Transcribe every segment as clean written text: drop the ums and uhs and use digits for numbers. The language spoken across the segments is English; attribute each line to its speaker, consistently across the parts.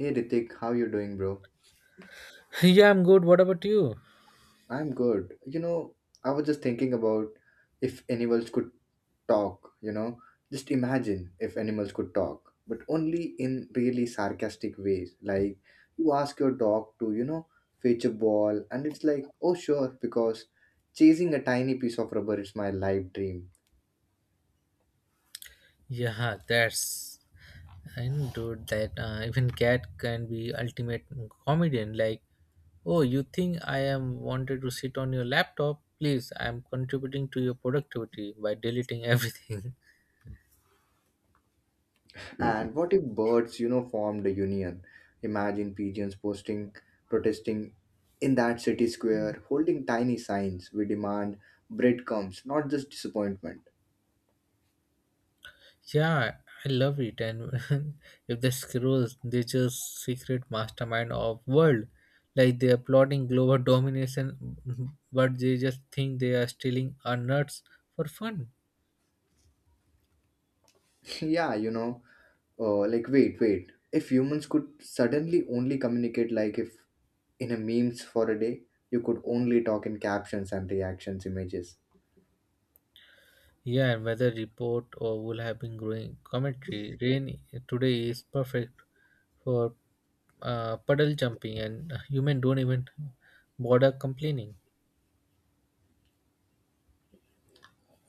Speaker 1: Hey Ritik, how you doing, bro?
Speaker 2: Yeah, I'm good. What about you?
Speaker 1: I'm good. I was just thinking about if animals could talk, you know? Just imagine if animals could talk, but only in really sarcastic ways. Like you ask your dog to, fetch a ball and it's like, "Oh sure," because chasing a tiny piece of rubber is my life dream.
Speaker 2: Yeah, that's and dude, that even cat can be ultimate comedian. Like, oh, you think I am wanted to sit on your laptop? Please, I am contributing to your productivity by deleting everything.
Speaker 1: And what if birds, formed a union? Imagine pigeons posting, protesting in that city square, holding tiny signs. We demand breadcrumbs, not just disappointment.
Speaker 2: Yeah, I love it. And if the squirrels, they just secret mastermind of world. Like they are plotting global domination, but they just think they are stealing our nuts for fun.
Speaker 1: Yeah, like wait, wait. If humans could suddenly only communicate, like if in a memes for a day, you could only talk in captions and reactions images.
Speaker 2: Yeah, and weather report or will have been growing commentary. Rain today is perfect for puddle jumping, and human don't even bother complaining.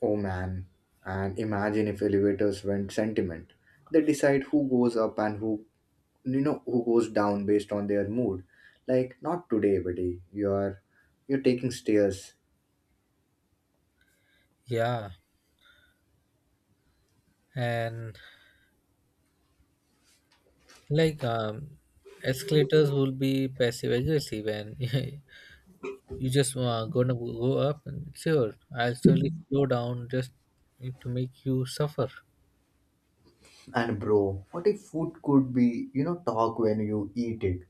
Speaker 1: Oh man. And imagine if elevators went sentiment. They decide who goes up and who you know who goes down based on their mood, like not today buddy, you're taking stairs.
Speaker 2: Yeah, and like escalators will be passive aggressive, and you just gonna go up and sure, I'll slowly slow down just to make you suffer.
Speaker 1: And bro, what if food could be you know talk when you eat it?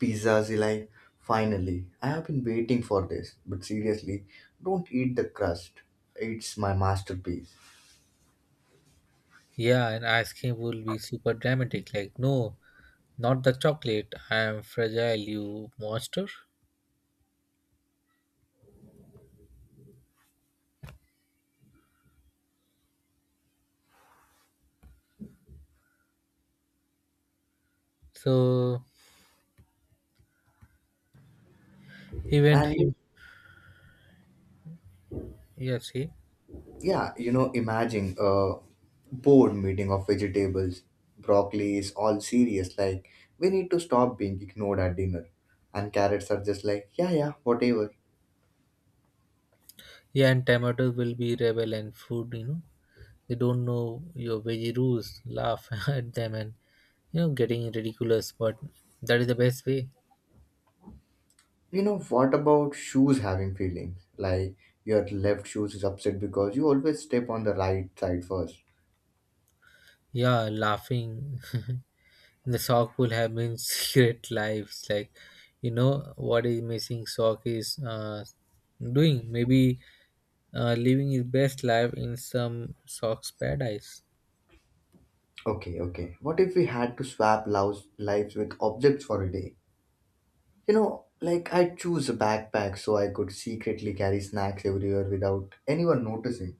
Speaker 1: Pizzas like, finally I have been waiting for this, but seriously don't eat the crust, it's my masterpiece.
Speaker 2: Yeah, and ice cream will be super dramatic. Like no, not the chocolate, I am fragile, you monster. So even
Speaker 1: And
Speaker 2: him. Yeah, see.
Speaker 1: yeah, imagine a board meeting of vegetables. Broccoli is all serious, like, we need to stop being ignored at dinner. And carrots are just like, yeah, yeah, whatever.
Speaker 2: Yeah, and tomatoes will be rebel and food, you know, they don't know your veggie rules laugh at them, and you know getting ridiculous, but that is the best way.
Speaker 1: You know, what about shoes having feelings? Like, your left shoes is upset because you always step on the right side first.
Speaker 2: Yeah, laughing. The sock will have been secret lives, like, you know what is missing sock is doing, maybe living his best life in some sock's paradise.
Speaker 1: Okay, okay. What if we had to swap lives with objects for a day? Like, I'd choose a backpack so I could secretly carry snacks everywhere without anyone noticing.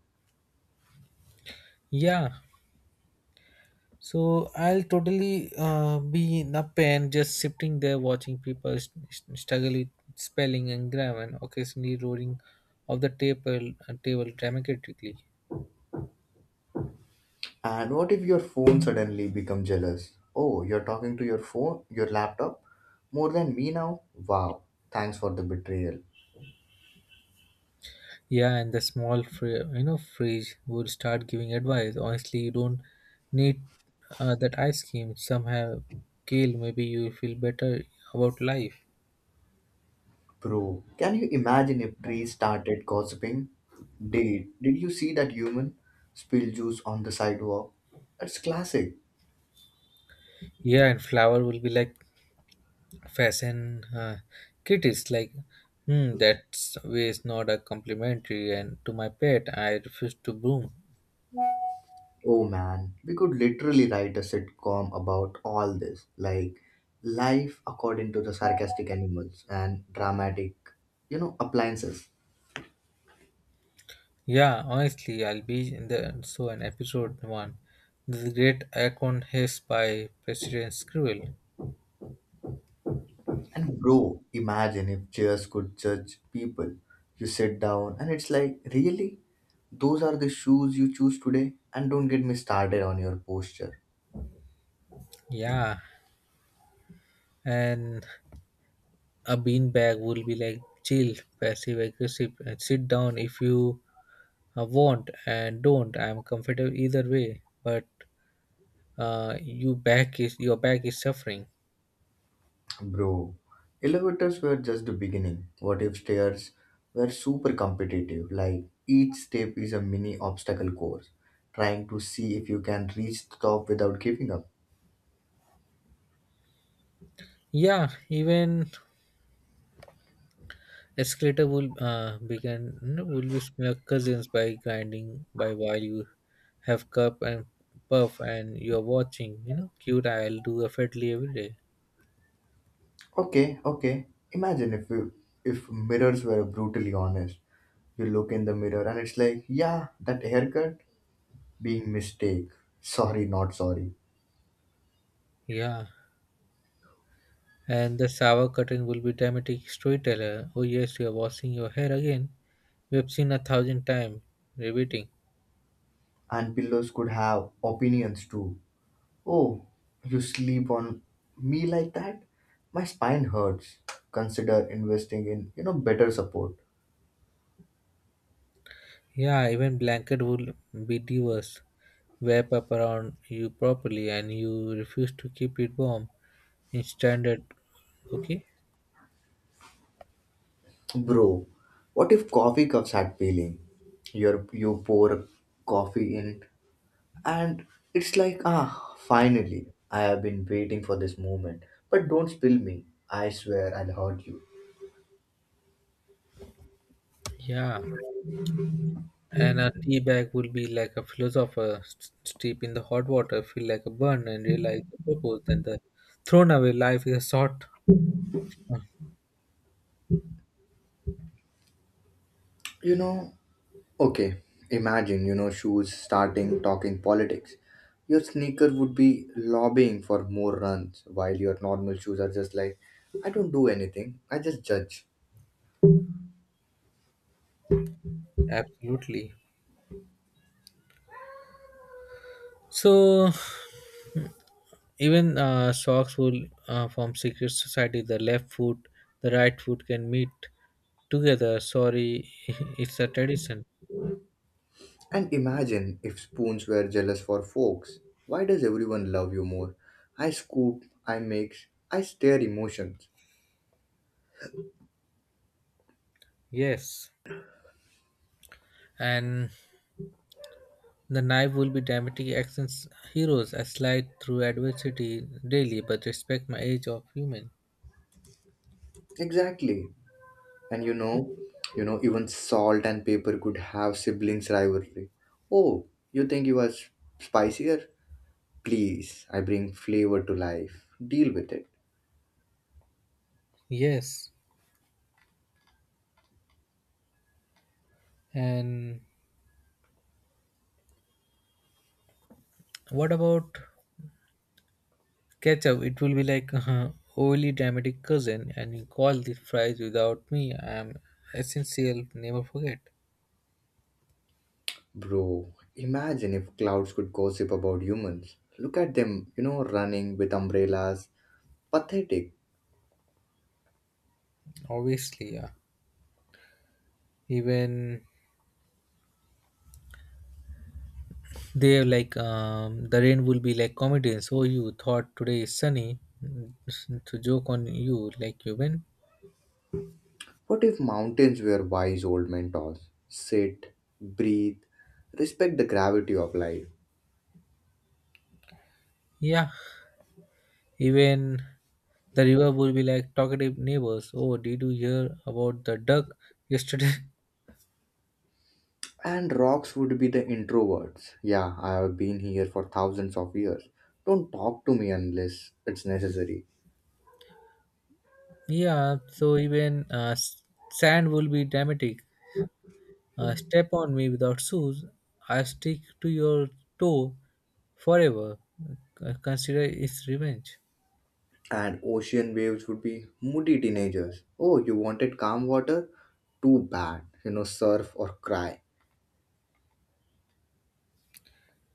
Speaker 2: Yeah, so I'll totally be in a pen, just sitting there watching people struggle with spelling and grammar, and occasionally roaring of the table table dramatically.
Speaker 1: And what if your phone suddenly become jealous? Oh, you're talking to your phone, your laptop, more than me now? Wow, thanks for the betrayal.
Speaker 2: Yeah, and the small you know phrase would start giving advice. Honestly, you don't need that ice cream. Somehow, Kale, maybe you will feel better about life.
Speaker 1: Bro, can you imagine if trees started gossiping? Did you see that human spill juice on the sidewalk? That's classic.
Speaker 2: Yeah, and flower will be like fashion critics, like, hmm, that's waste, not a complimentary, and to my pet I refuse to broom.
Speaker 1: Oh man, we could literally write a sitcom about all this, like life according to the sarcastic animals and dramatic, appliances.
Speaker 2: Yeah, honestly I'll be in the so an episode one, the great icon haze by president squirrel.
Speaker 1: And bro, imagine if chairs could judge people. You sit down and it's like, really? Those are the shoes you choose today? And don't get me started on your posture.
Speaker 2: Yeah, and a beanbag will be like chill passive aggressive and sit down if you want, and don't, I'm comfortable either way, but your back is suffering.
Speaker 1: Bro, elevators were just the beginning. What if stairs were super competitive? Like each step is a mini obstacle course, trying to see if you can reach the top without giving up.
Speaker 2: Yeah, even Escalator will begin will be smear cousins by grinding by while you have cup and puff, and you're watching. You know, cute. I'll do effortlessly every day.
Speaker 1: Okay, okay. Imagine if mirrors were brutally honest. You look in the mirror and it's like, yeah, that haircut being mistake. Sorry, not sorry.
Speaker 2: Yeah, and the shower curtain will be dramatic storyteller. Oh yes, you are washing your hair again. We have seen a thousand times, repeating.
Speaker 1: And pillows could have opinions too. Oh, you sleep on me like that? My spine hurts. Consider investing in, better support.
Speaker 2: Yeah, even blanket will be diverse. Wrap up around you properly, and you refuse to keep it warm in standard. Okay.
Speaker 1: Bro, what if coffee cups had feeling? You pour coffee in, and it's like, ah, finally, I have been waiting for this moment. But don't spill me. I swear I'll hurt you.
Speaker 2: Yeah. And a tea bag would be like a philosopher, steep in the hot water, feel like a burn, and realize the purpose and the thrown away life is a short. uh,
Speaker 1: You know, okay, imagine, shoes starting talking politics. Your sneaker would be lobbying for more runs, while your normal shoes are just like, I don't do anything, I just judge.
Speaker 2: Absolutely. So even socks will form secret society. The left foot, the right foot can meet together. Sorry, it's a tradition.
Speaker 1: And imagine if spoons were jealous for forks. Why does everyone love you more? I scoop, I mix, I stir emotions.
Speaker 2: Yes. And the knife will be dramatic actions heroes. I slide through adversity daily, but respect my age of human.
Speaker 1: Exactly. And even salt and pepper could have siblings rivalry. Oh, you think you are spicier? Please, I bring flavor to life, deal with it.
Speaker 2: Yes. And what about ketchup? It will be like oily dramatic cousin, and you call the fries without me. I am essential, never forget.
Speaker 1: Bro, imagine if clouds could gossip about humans, look at them, running with umbrellas, pathetic.
Speaker 2: Obviously, yeah. Even they have like the rain will be like comedy. So you thought today is sunny, to joke on you, like you win.
Speaker 1: What if mountains were wise old mentors? Sit, breathe, respect the gravity of life.
Speaker 2: Yeah. Even the river will be like talkative neighbors. Oh, did you hear about the duck yesterday?
Speaker 1: And rocks would be the introverts. Yeah, I have been here for thousands of years. Don't talk to me unless it's necessary.
Speaker 2: Yeah, so even sand will be dramatic. Step on me without shoes, I stick to your toe forever. Consider it's revenge.
Speaker 1: And ocean waves would be moody teenagers. Oh, you wanted calm water? Too bad. Surf or cry.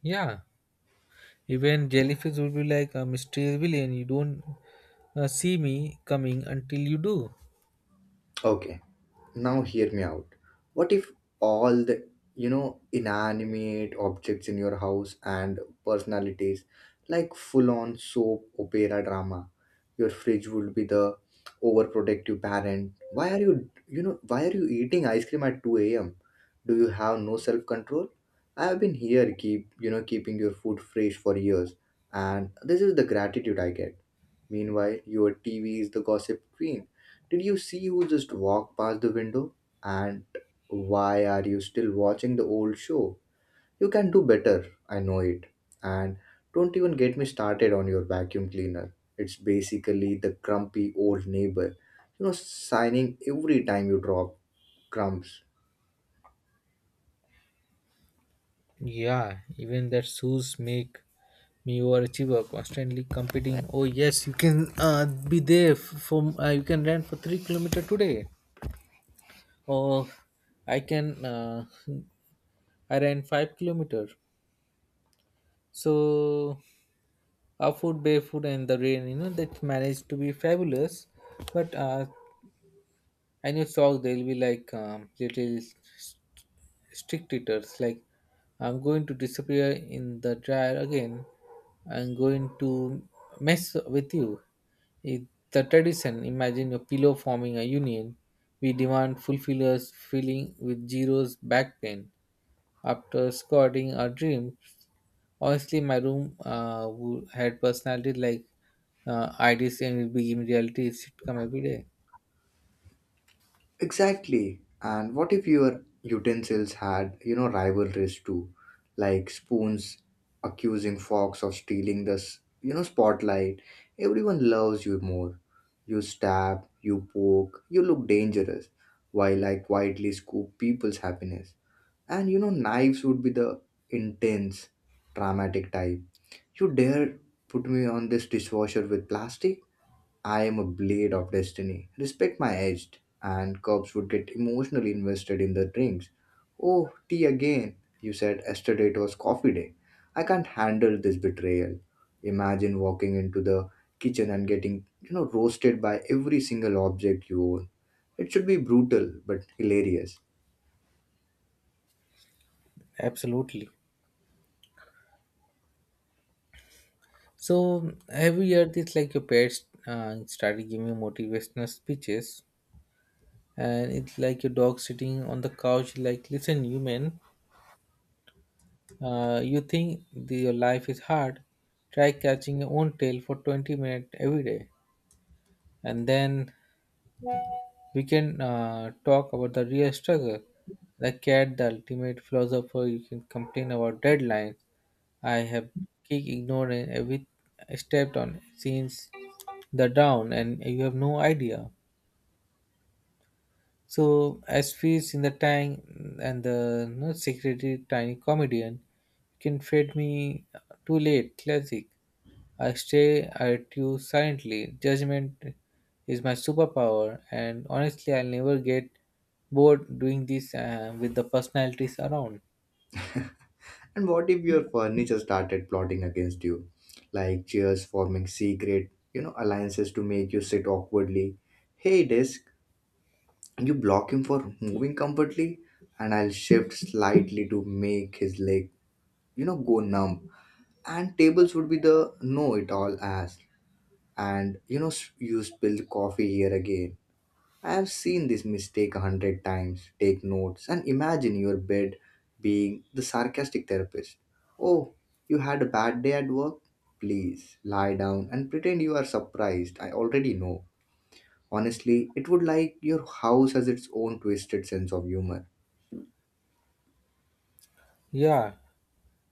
Speaker 2: Yeah, even jellyfish will be like a mysterious villain. You don't see me coming until you do.
Speaker 1: Okay, now hear me out, what if all the inanimate objects in your house and personalities, like full on soap opera drama. Your fridge would be the overprotective parent. Why are you eating ice cream at 2 a.m.? Do you have no self control? I have been here keeping your food fresh for years, and this is the gratitude I get. Meanwhile, your TV is the gossip queen. Did you see who just walked past the window? And why are you still watching the old show? You can do better, I know it. And don't even get me started on your vacuum cleaner. It's basically the grumpy old neighbor, signing every time you drop crumbs.
Speaker 2: Yeah, even that shoes make me overachiever, constantly competing. Oh yes, you can be there for. You can run for 3 kilometer today. Oh, I can. I ran 5 kilometer. So, our food, barefoot, and the rain. You know that managed to be fabulous. But I new song they'll be like little strict eaters, like, I'm going to disappear in the dryer again. I'm going to mess with you. It's the tradition. Imagine your pillow forming a union. We demand fulfillers filling with zeros back pain. After squatting our dreams, honestly, my room had personality like ideas and will be in reality sitcom every day.
Speaker 1: Exactly. And what if your utensils had, rivalries too, like spoons accusing forks of stealing the spotlight. Everyone loves you more. You stab, you poke, you look dangerous, while I quietly scoop people's happiness. And knives would be the intense, dramatic type. You dare put me on this dishwasher with plastic? I am a blade of destiny. Respect my edge. And cops would get emotionally invested in the drinks. Oh, tea again. You said yesterday it was coffee day. I can't handle this betrayal. Imagine walking into the kitchen and getting, roasted by every single object you own. It should be brutal but hilarious.
Speaker 2: Absolutely. So every year, it's like your pets started giving motivational speeches, and it's like your dog sitting on the couch, like, "Listen, human, you think your life is hard? Try catching your own tail for 20 minutes every day." And then we can talk about the real struggle. The cat, the ultimate philosopher, you can complain about deadlines. I have kicked ignoring every step on since the down, and you have no idea. So as fees in the tank and the no secretary tiny comedian you can fade me too late classic. I stay at you silently. Judgment is my superpower, and honestly, I'll never get bored doing this with the personalities around.
Speaker 1: And what if your furniture started plotting against you? Like chairs forming secret, alliances to make you sit awkwardly. Hey, desk, you block him for moving comfortably, and I'll shift slightly to make his leg, go numb. And tables would be the know it all ass, and you spilled coffee here again. I have seen this mistake a hundred times. Take notes, and imagine your bed being the sarcastic therapist. Oh, you had a bad day at work? Please lie down and pretend you are surprised. I already know. Honestly, it would like your house has its own twisted sense of humor.
Speaker 2: Yeah,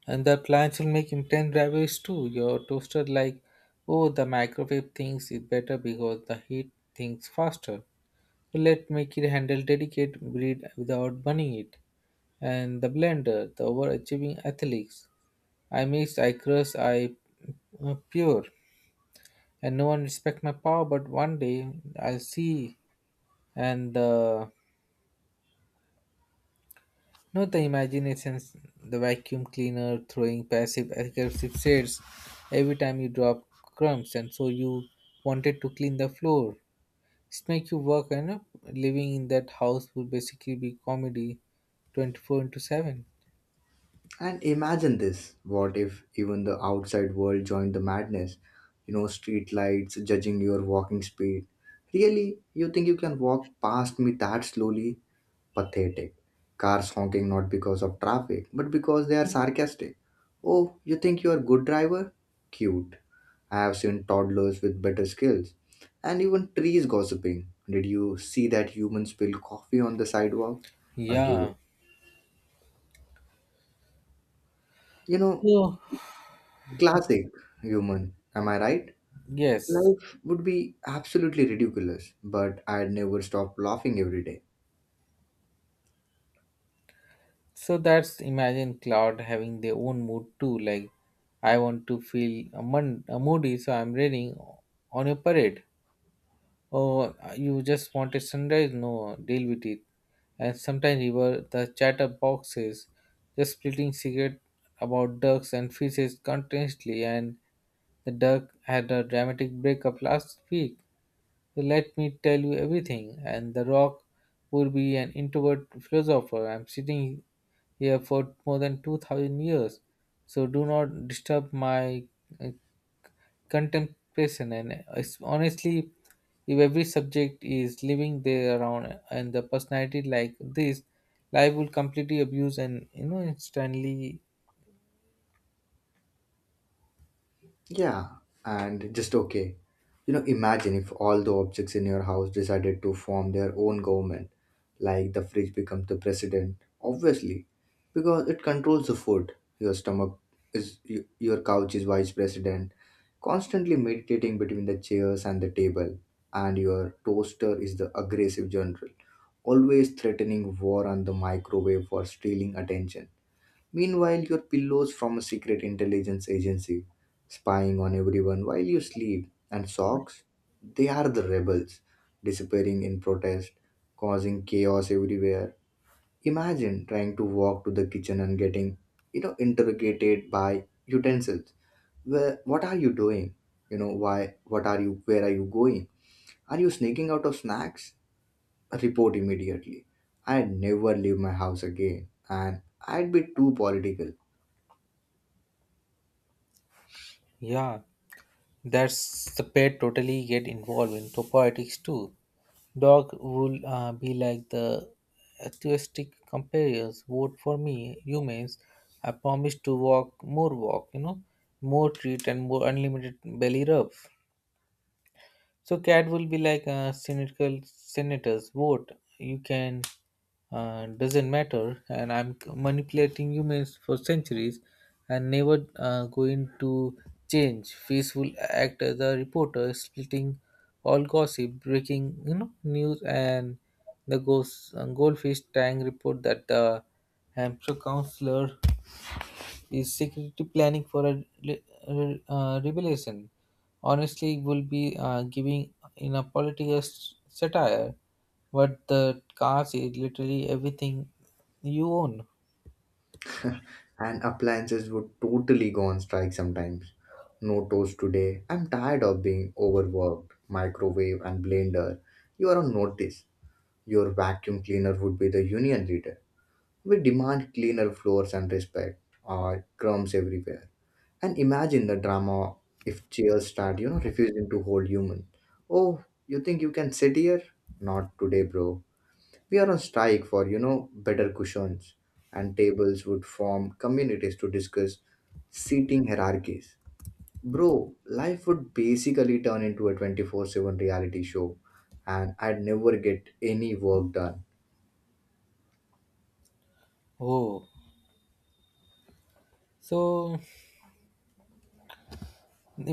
Speaker 2: and the plans will make intense drivers too. Your toaster like, oh, the microwave thinks it better because the heat thinks faster. Let make it handle delicate breed without burning it. And the blender, the overachieving athletes. I mix, I crush, I pure. And no one respect my power, but one day I'll see. And not the imaginations, the vacuum cleaner throwing passive aggressive shades every time you drop crumbs, and so you wanted to clean the floor. It make you work, and living in that house would basically be comedy 24 into 7.
Speaker 1: And imagine this, what if even the outside world joined the madness? Street lights judging your walking speed. Really? You think you can walk past me that slowly? Pathetic. Cars honking not because of traffic, but because they are sarcastic. Oh, you think you are good driver? Cute. I have seen toddlers with better skills. And even trees gossiping. Did you see that human spilled coffee on the sidewalk? Again.
Speaker 2: Yeah.
Speaker 1: You know,
Speaker 2: So,
Speaker 1: classic human, am I right?
Speaker 2: yes.
Speaker 1: Life would be absolutely ridiculous, but I'd never stop laughing every day.
Speaker 2: So that's imagine cloud having their own mood too. Like I want to feel a moody, so I'm raining on a parade. Or you just want a sunrise? No, deal with it. And sometimes river the chatterboxes just splitting secret about ducks and fishes continuously. And the duck had a dramatic breakup last week. So, let me tell you everything. And The Rock would be an introvert philosopher. I'm sitting here for more than 2000 years, so do not disturb my uh, contemplation. And it's, honestly, if every subject is living there around and the personality like this, life will completely abuse, and you know instantly.
Speaker 1: Yeah, and just okay. Imagine if all the objects in your house decided to form their own government, like the fridge becomes the president, obviously, because it controls the food. Your stomach is, your couch is vice president, constantly meditating between the chairs and the table, and your toaster is the aggressive general, always threatening war on the microwave for stealing attention. Meanwhile, your pillows from a secret intelligence agency spying on everyone while you sleep, and socks, they are the rebels disappearing in protest, causing chaos everywhere. Imagine trying to walk to the kitchen and getting, interrogated by utensils. Where, what are you doing? You know, why? What are you? Where are you going? Are you sneaking out of snacks? Report immediately. I'd never leave my house again, and I'd be too political.
Speaker 2: Yeah, that's the pet totally get involved in politics too. Dog would be like the atheistic comparators. Vote for me, humans. I promise to walk more walk, you know, more treat and more unlimited belly rub. So cat will be like cynical senators vote. You can doesn't matter, and I'm manipulating humans for centuries, and never going to change. Face will act as a reporter, splitting all gossip, breaking, you know, news, and the ghost goldfish tank report that the Hampshire councillor is security planning for a, revelation. Honestly, will be giving in a political satire, but the cars is literally everything you own.
Speaker 1: And appliances would totally go on strike sometimes. No toast today. I'm tired of being overworked. Microwave and blender, you are on notice. Your vacuum cleaner would be the union leader. We demand cleaner floors and respect. Or crumbs everywhere. And imagine the drama if chairs start, refusing to hold human. Oh, you think you can sit here? Not today, bro. We are on strike for, better cushions. And tables would form communities to discuss seating hierarchies. Bro, life would basically turn into a 24/7 reality show, and I'd never get any work done.
Speaker 2: Oh, so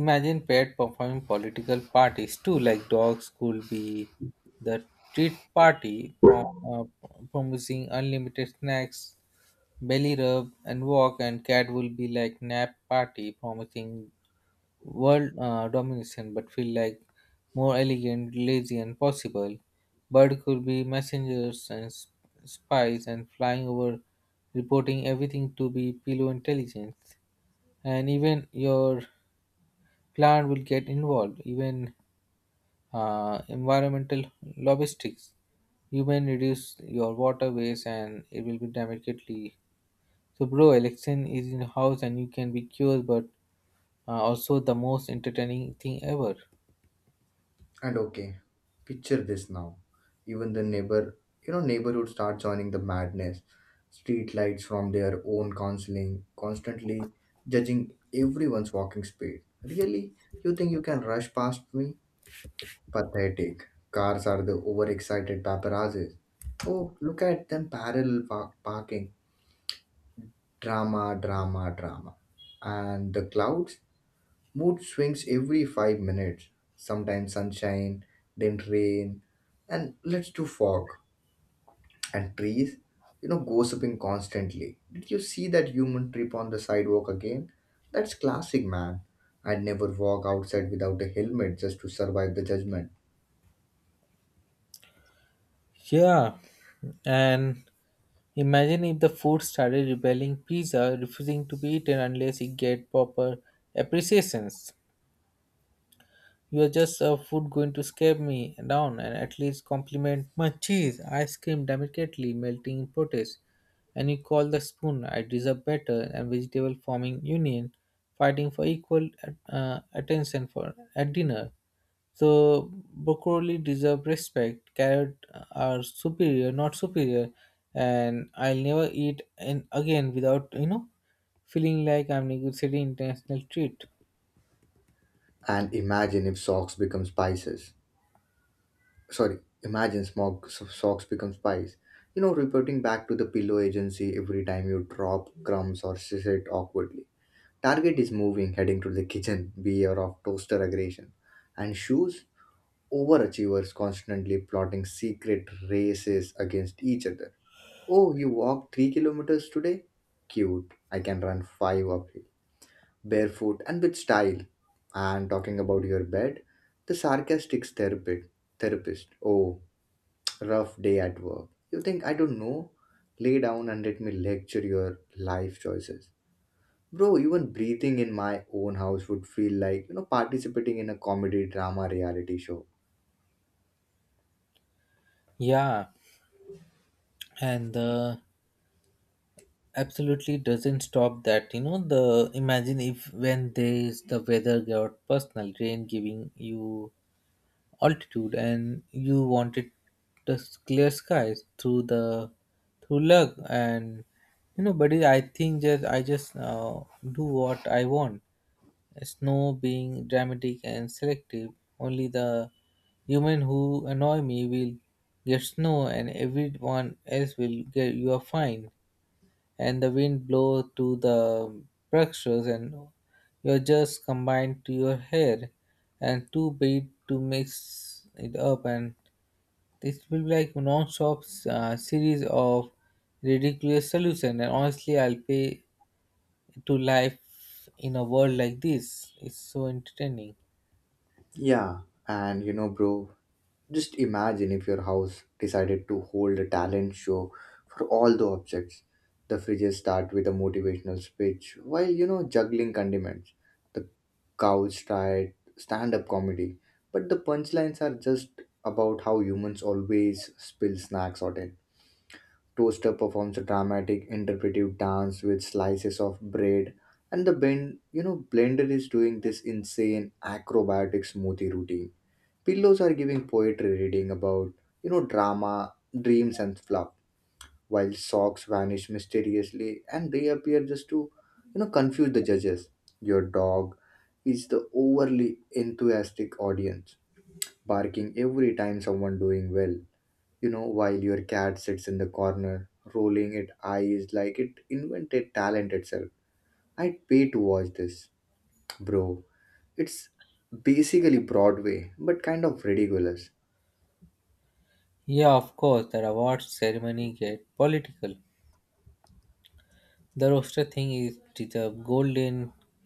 Speaker 2: imagine pet performing political parties too, like dogs could be the treat party promising unlimited snacks, belly rub, and walk, and cat will be like nap party promising world domination, but feel like more elegant, lazy, and possible. Bird could be messengers and spies and flying over, reporting everything to be pillow intelligence. And even your plant will get involved, even environmental logistics. You may reduce your water waste, and it will be dramatically. So, bro, election is in house and you can be curious, but also the most entertaining thing ever.
Speaker 1: And okay, picture this now. Even the neighborhood start joining the madness. Street lights from their own counseling, constantly judging everyone's walking speed. Really? You think you can rush past me? Pathetic. Cars are the overexcited paparazzis. Oh, look at them parallel parking. Drama, drama, drama. And the clouds? Mood swings every 5 minutes. Sometimes sunshine, then rain, and let's do fog and trees. You know, gossiping constantly. Did you see that human trip on the sidewalk again? That's classic, man. I'd never walk outside without a helmet just to survive the judgment.
Speaker 2: Yeah, and imagine if the food started rebelling pizza, refusing to be eaten unless it get proper appreciations. You are just a food going to scare me down and at least compliment my cheese. I scream delicately, melting in protest. And you call the spoon, I deserve better, and vegetable forming union, fighting for equal attention for at dinner. So broccoli deserve respect. Carrot are superior, not superior. And I'll never eat and again without, you know, feeling like I'm negotiating international treat.
Speaker 1: And imagine if socks become spices. Sorry, imagine smog, socks become spice. You know, reporting back to the pillow agency every time you drop crumbs or sit awkwardly. Target is moving, heading to the kitchen, beware of toaster aggression. And shoes, overachievers constantly plotting secret races against each other. Oh, you walked 3 kilometers today? Cute. I can run 5 uphill. Barefoot and with style. And talking about your bed, the sarcastic therapist. Oh, rough day at work. You think I don't know? Lay down and let me lecture your life choices. Bro, even breathing in my own house would feel like, participating in a comedy drama reality show.
Speaker 2: Yeah, and the absolutely doesn't stop that. You know the imagine if when there is the weather got personal rain giving you altitude, and you wanted the clear skies through the through luck, and you know, buddy, I think just I just do what I want. Snow being dramatic and selective, only the human who annoy me will get snow, and everyone else will get you are fine. And the wind blow to the brushes, and you're just combined to your hair, and two beat to mix it up, and this will be like non-stop series of ridiculous solution, and honestly I'll pay to life in a world like this, it's so entertaining.
Speaker 1: Yeah, and bro, just imagine if your house decided to hold a talent show for all the objects. The fridges start with a motivational speech while, juggling condiments. The couch tried stand up comedy, but the punchlines are just about how humans always spill snacks or it. Toaster performs a dramatic interpretive dance with slices of bread, and the bend, you know, blender is doing this insane acrobatic smoothie routine. Pillows are giving poetry reading about, drama, dreams, and fluff, while socks vanish mysteriously and reappear just to, confuse the judges. Your dog is the overly enthusiastic audience, barking every time someone doing well, while your cat sits in the corner, rolling its eyes like it invented talent itself. I'd pay to watch this, bro. It's basically Broadway, but kind of ridiculous.
Speaker 2: Yeah, of course the award ceremony get political. The roaster thing is the golden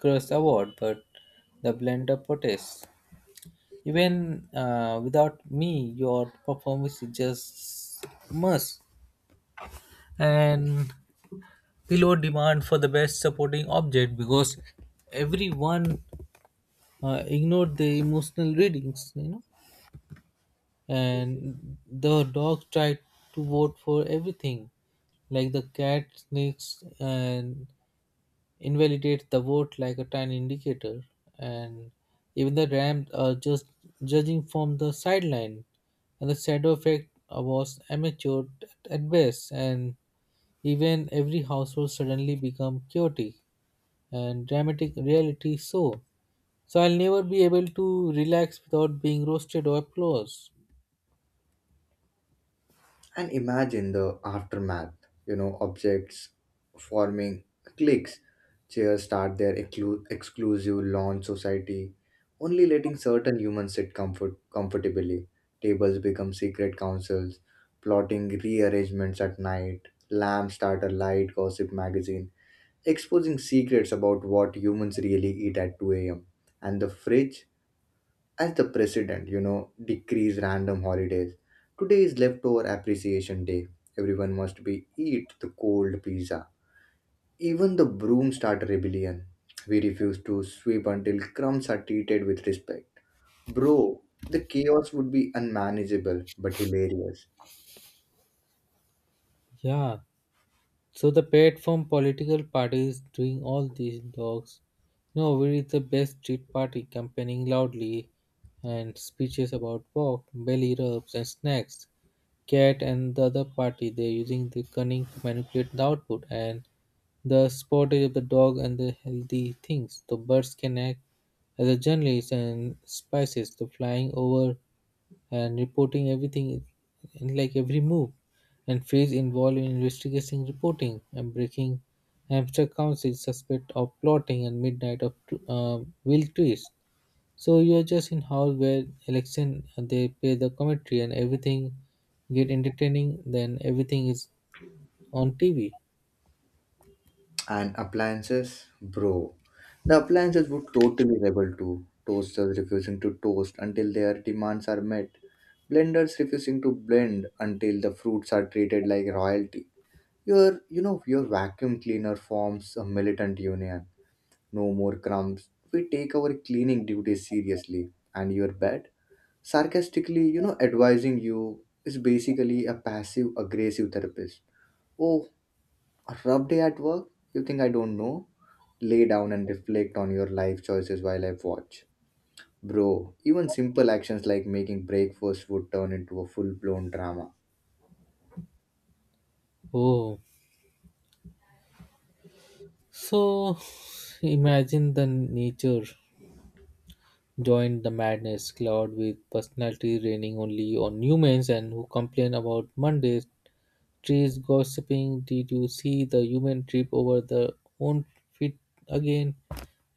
Speaker 2: cross award, but the blender protest. Even without me, your performance is just must. And below demand for the best supporting object, because everyone ignored the emotional readings, you know. And the dog tried to vote for everything, like the cat snakes and invalidate the vote like a tiny indicator, and even the Rams are just judging from the sideline. And the shadow effect was amateur at best, and even every household suddenly become chaotic and dramatic reality so. So I'll never be able to relax without being roasted or applause.
Speaker 1: And imagine the aftermath, objects forming cliques, chairs start their exclusive lawn society, only letting certain humans sit comfortably. Tables become secret councils, plotting rearrangements at night, lamps start a light gossip magazine, exposing secrets about what humans really eat at 2 a.m. And the fridge as the president, decrees random holidays. Today is leftover appreciation day. Everyone must be eat the cold pizza. Even the broom start a rebellion. We refuse to sweep until crumbs are treated with respect. Bro, the chaos would be unmanageable but hilarious.
Speaker 2: Yeah, so the platform political parties doing all these dogs. No, we is the best street party, campaigning loudly and speeches about pork, belly rubs and snacks. Cat and the other party, they're using the cunning to manipulate the output and the spottage of the dog and the healthy things. The birds can act as a journalist and spices. The flying over and reporting everything like every move and phase involved in investigating reporting and breaking hamster council suspect of plotting and midnight of will twist, so you are just in hall where election, and they play the commentary, and everything get entertaining, then everything is on TV.
Speaker 1: And appliances, bro. The appliances would totally rebel too. Toasters refusing to toast until their demands are met. Blenders refusing to blend until the fruits are treated like royalty. Your vacuum cleaner forms a militant union. No more crumbs. We take our cleaning duties seriously. And your bed, sarcastically, advising you is basically a passive aggressive therapist. Oh, a rough day at work? You think I don't know? Lay down and reflect on your life choices while I watch. Bro, even simple actions like making breakfast would turn into a full blown drama.
Speaker 2: Oh, so imagine the nature joined the madness, cloud with personality raining only on humans and who complain about Mondays, trees gossiping, did you see the human trip over the own feet again?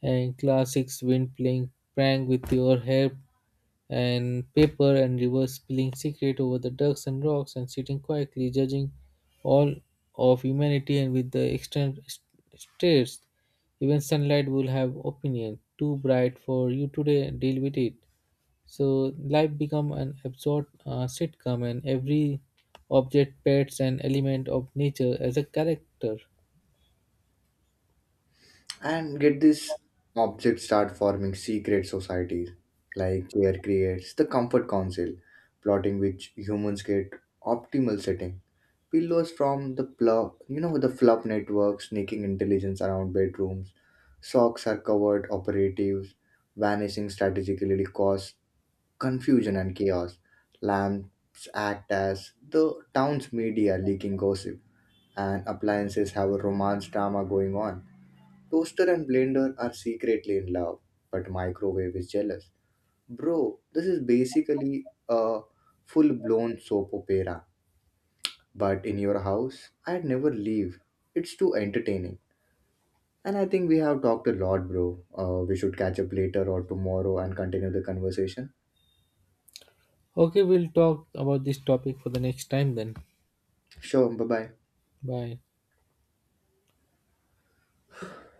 Speaker 2: And classics wind playing prank with your hair and paper and rivers spilling secret over the ducks and rocks and sitting quietly judging all of humanity and with the extent stares. Even sunlight will have opinion. Too bright for you today, deal with it. So life become an absurd sitcom, and every object pets an element of nature as a character.
Speaker 1: And get this, objects start forming secret societies, like chair creates the comfort council, plotting which humans get optimal setting. Pillows from the pluff, you know, the fluff network, sneaking intelligence around bedrooms. Socks are covered operatives, vanishing strategically cause confusion and chaos. Lamps act as the town's media leaking gossip, and appliances have a romance drama going on. Toaster and blender are secretly in love, but microwave is jealous. Bro, this is basically a full blown soap opera. But in your house, I'd never leave. It's too entertaining. And I think we have talked a lot, bro. We should catch up later or tomorrow and continue the conversation.
Speaker 2: Okay, we'll talk about this topic for the next time then.
Speaker 1: Sure, bye bye.
Speaker 2: Bye.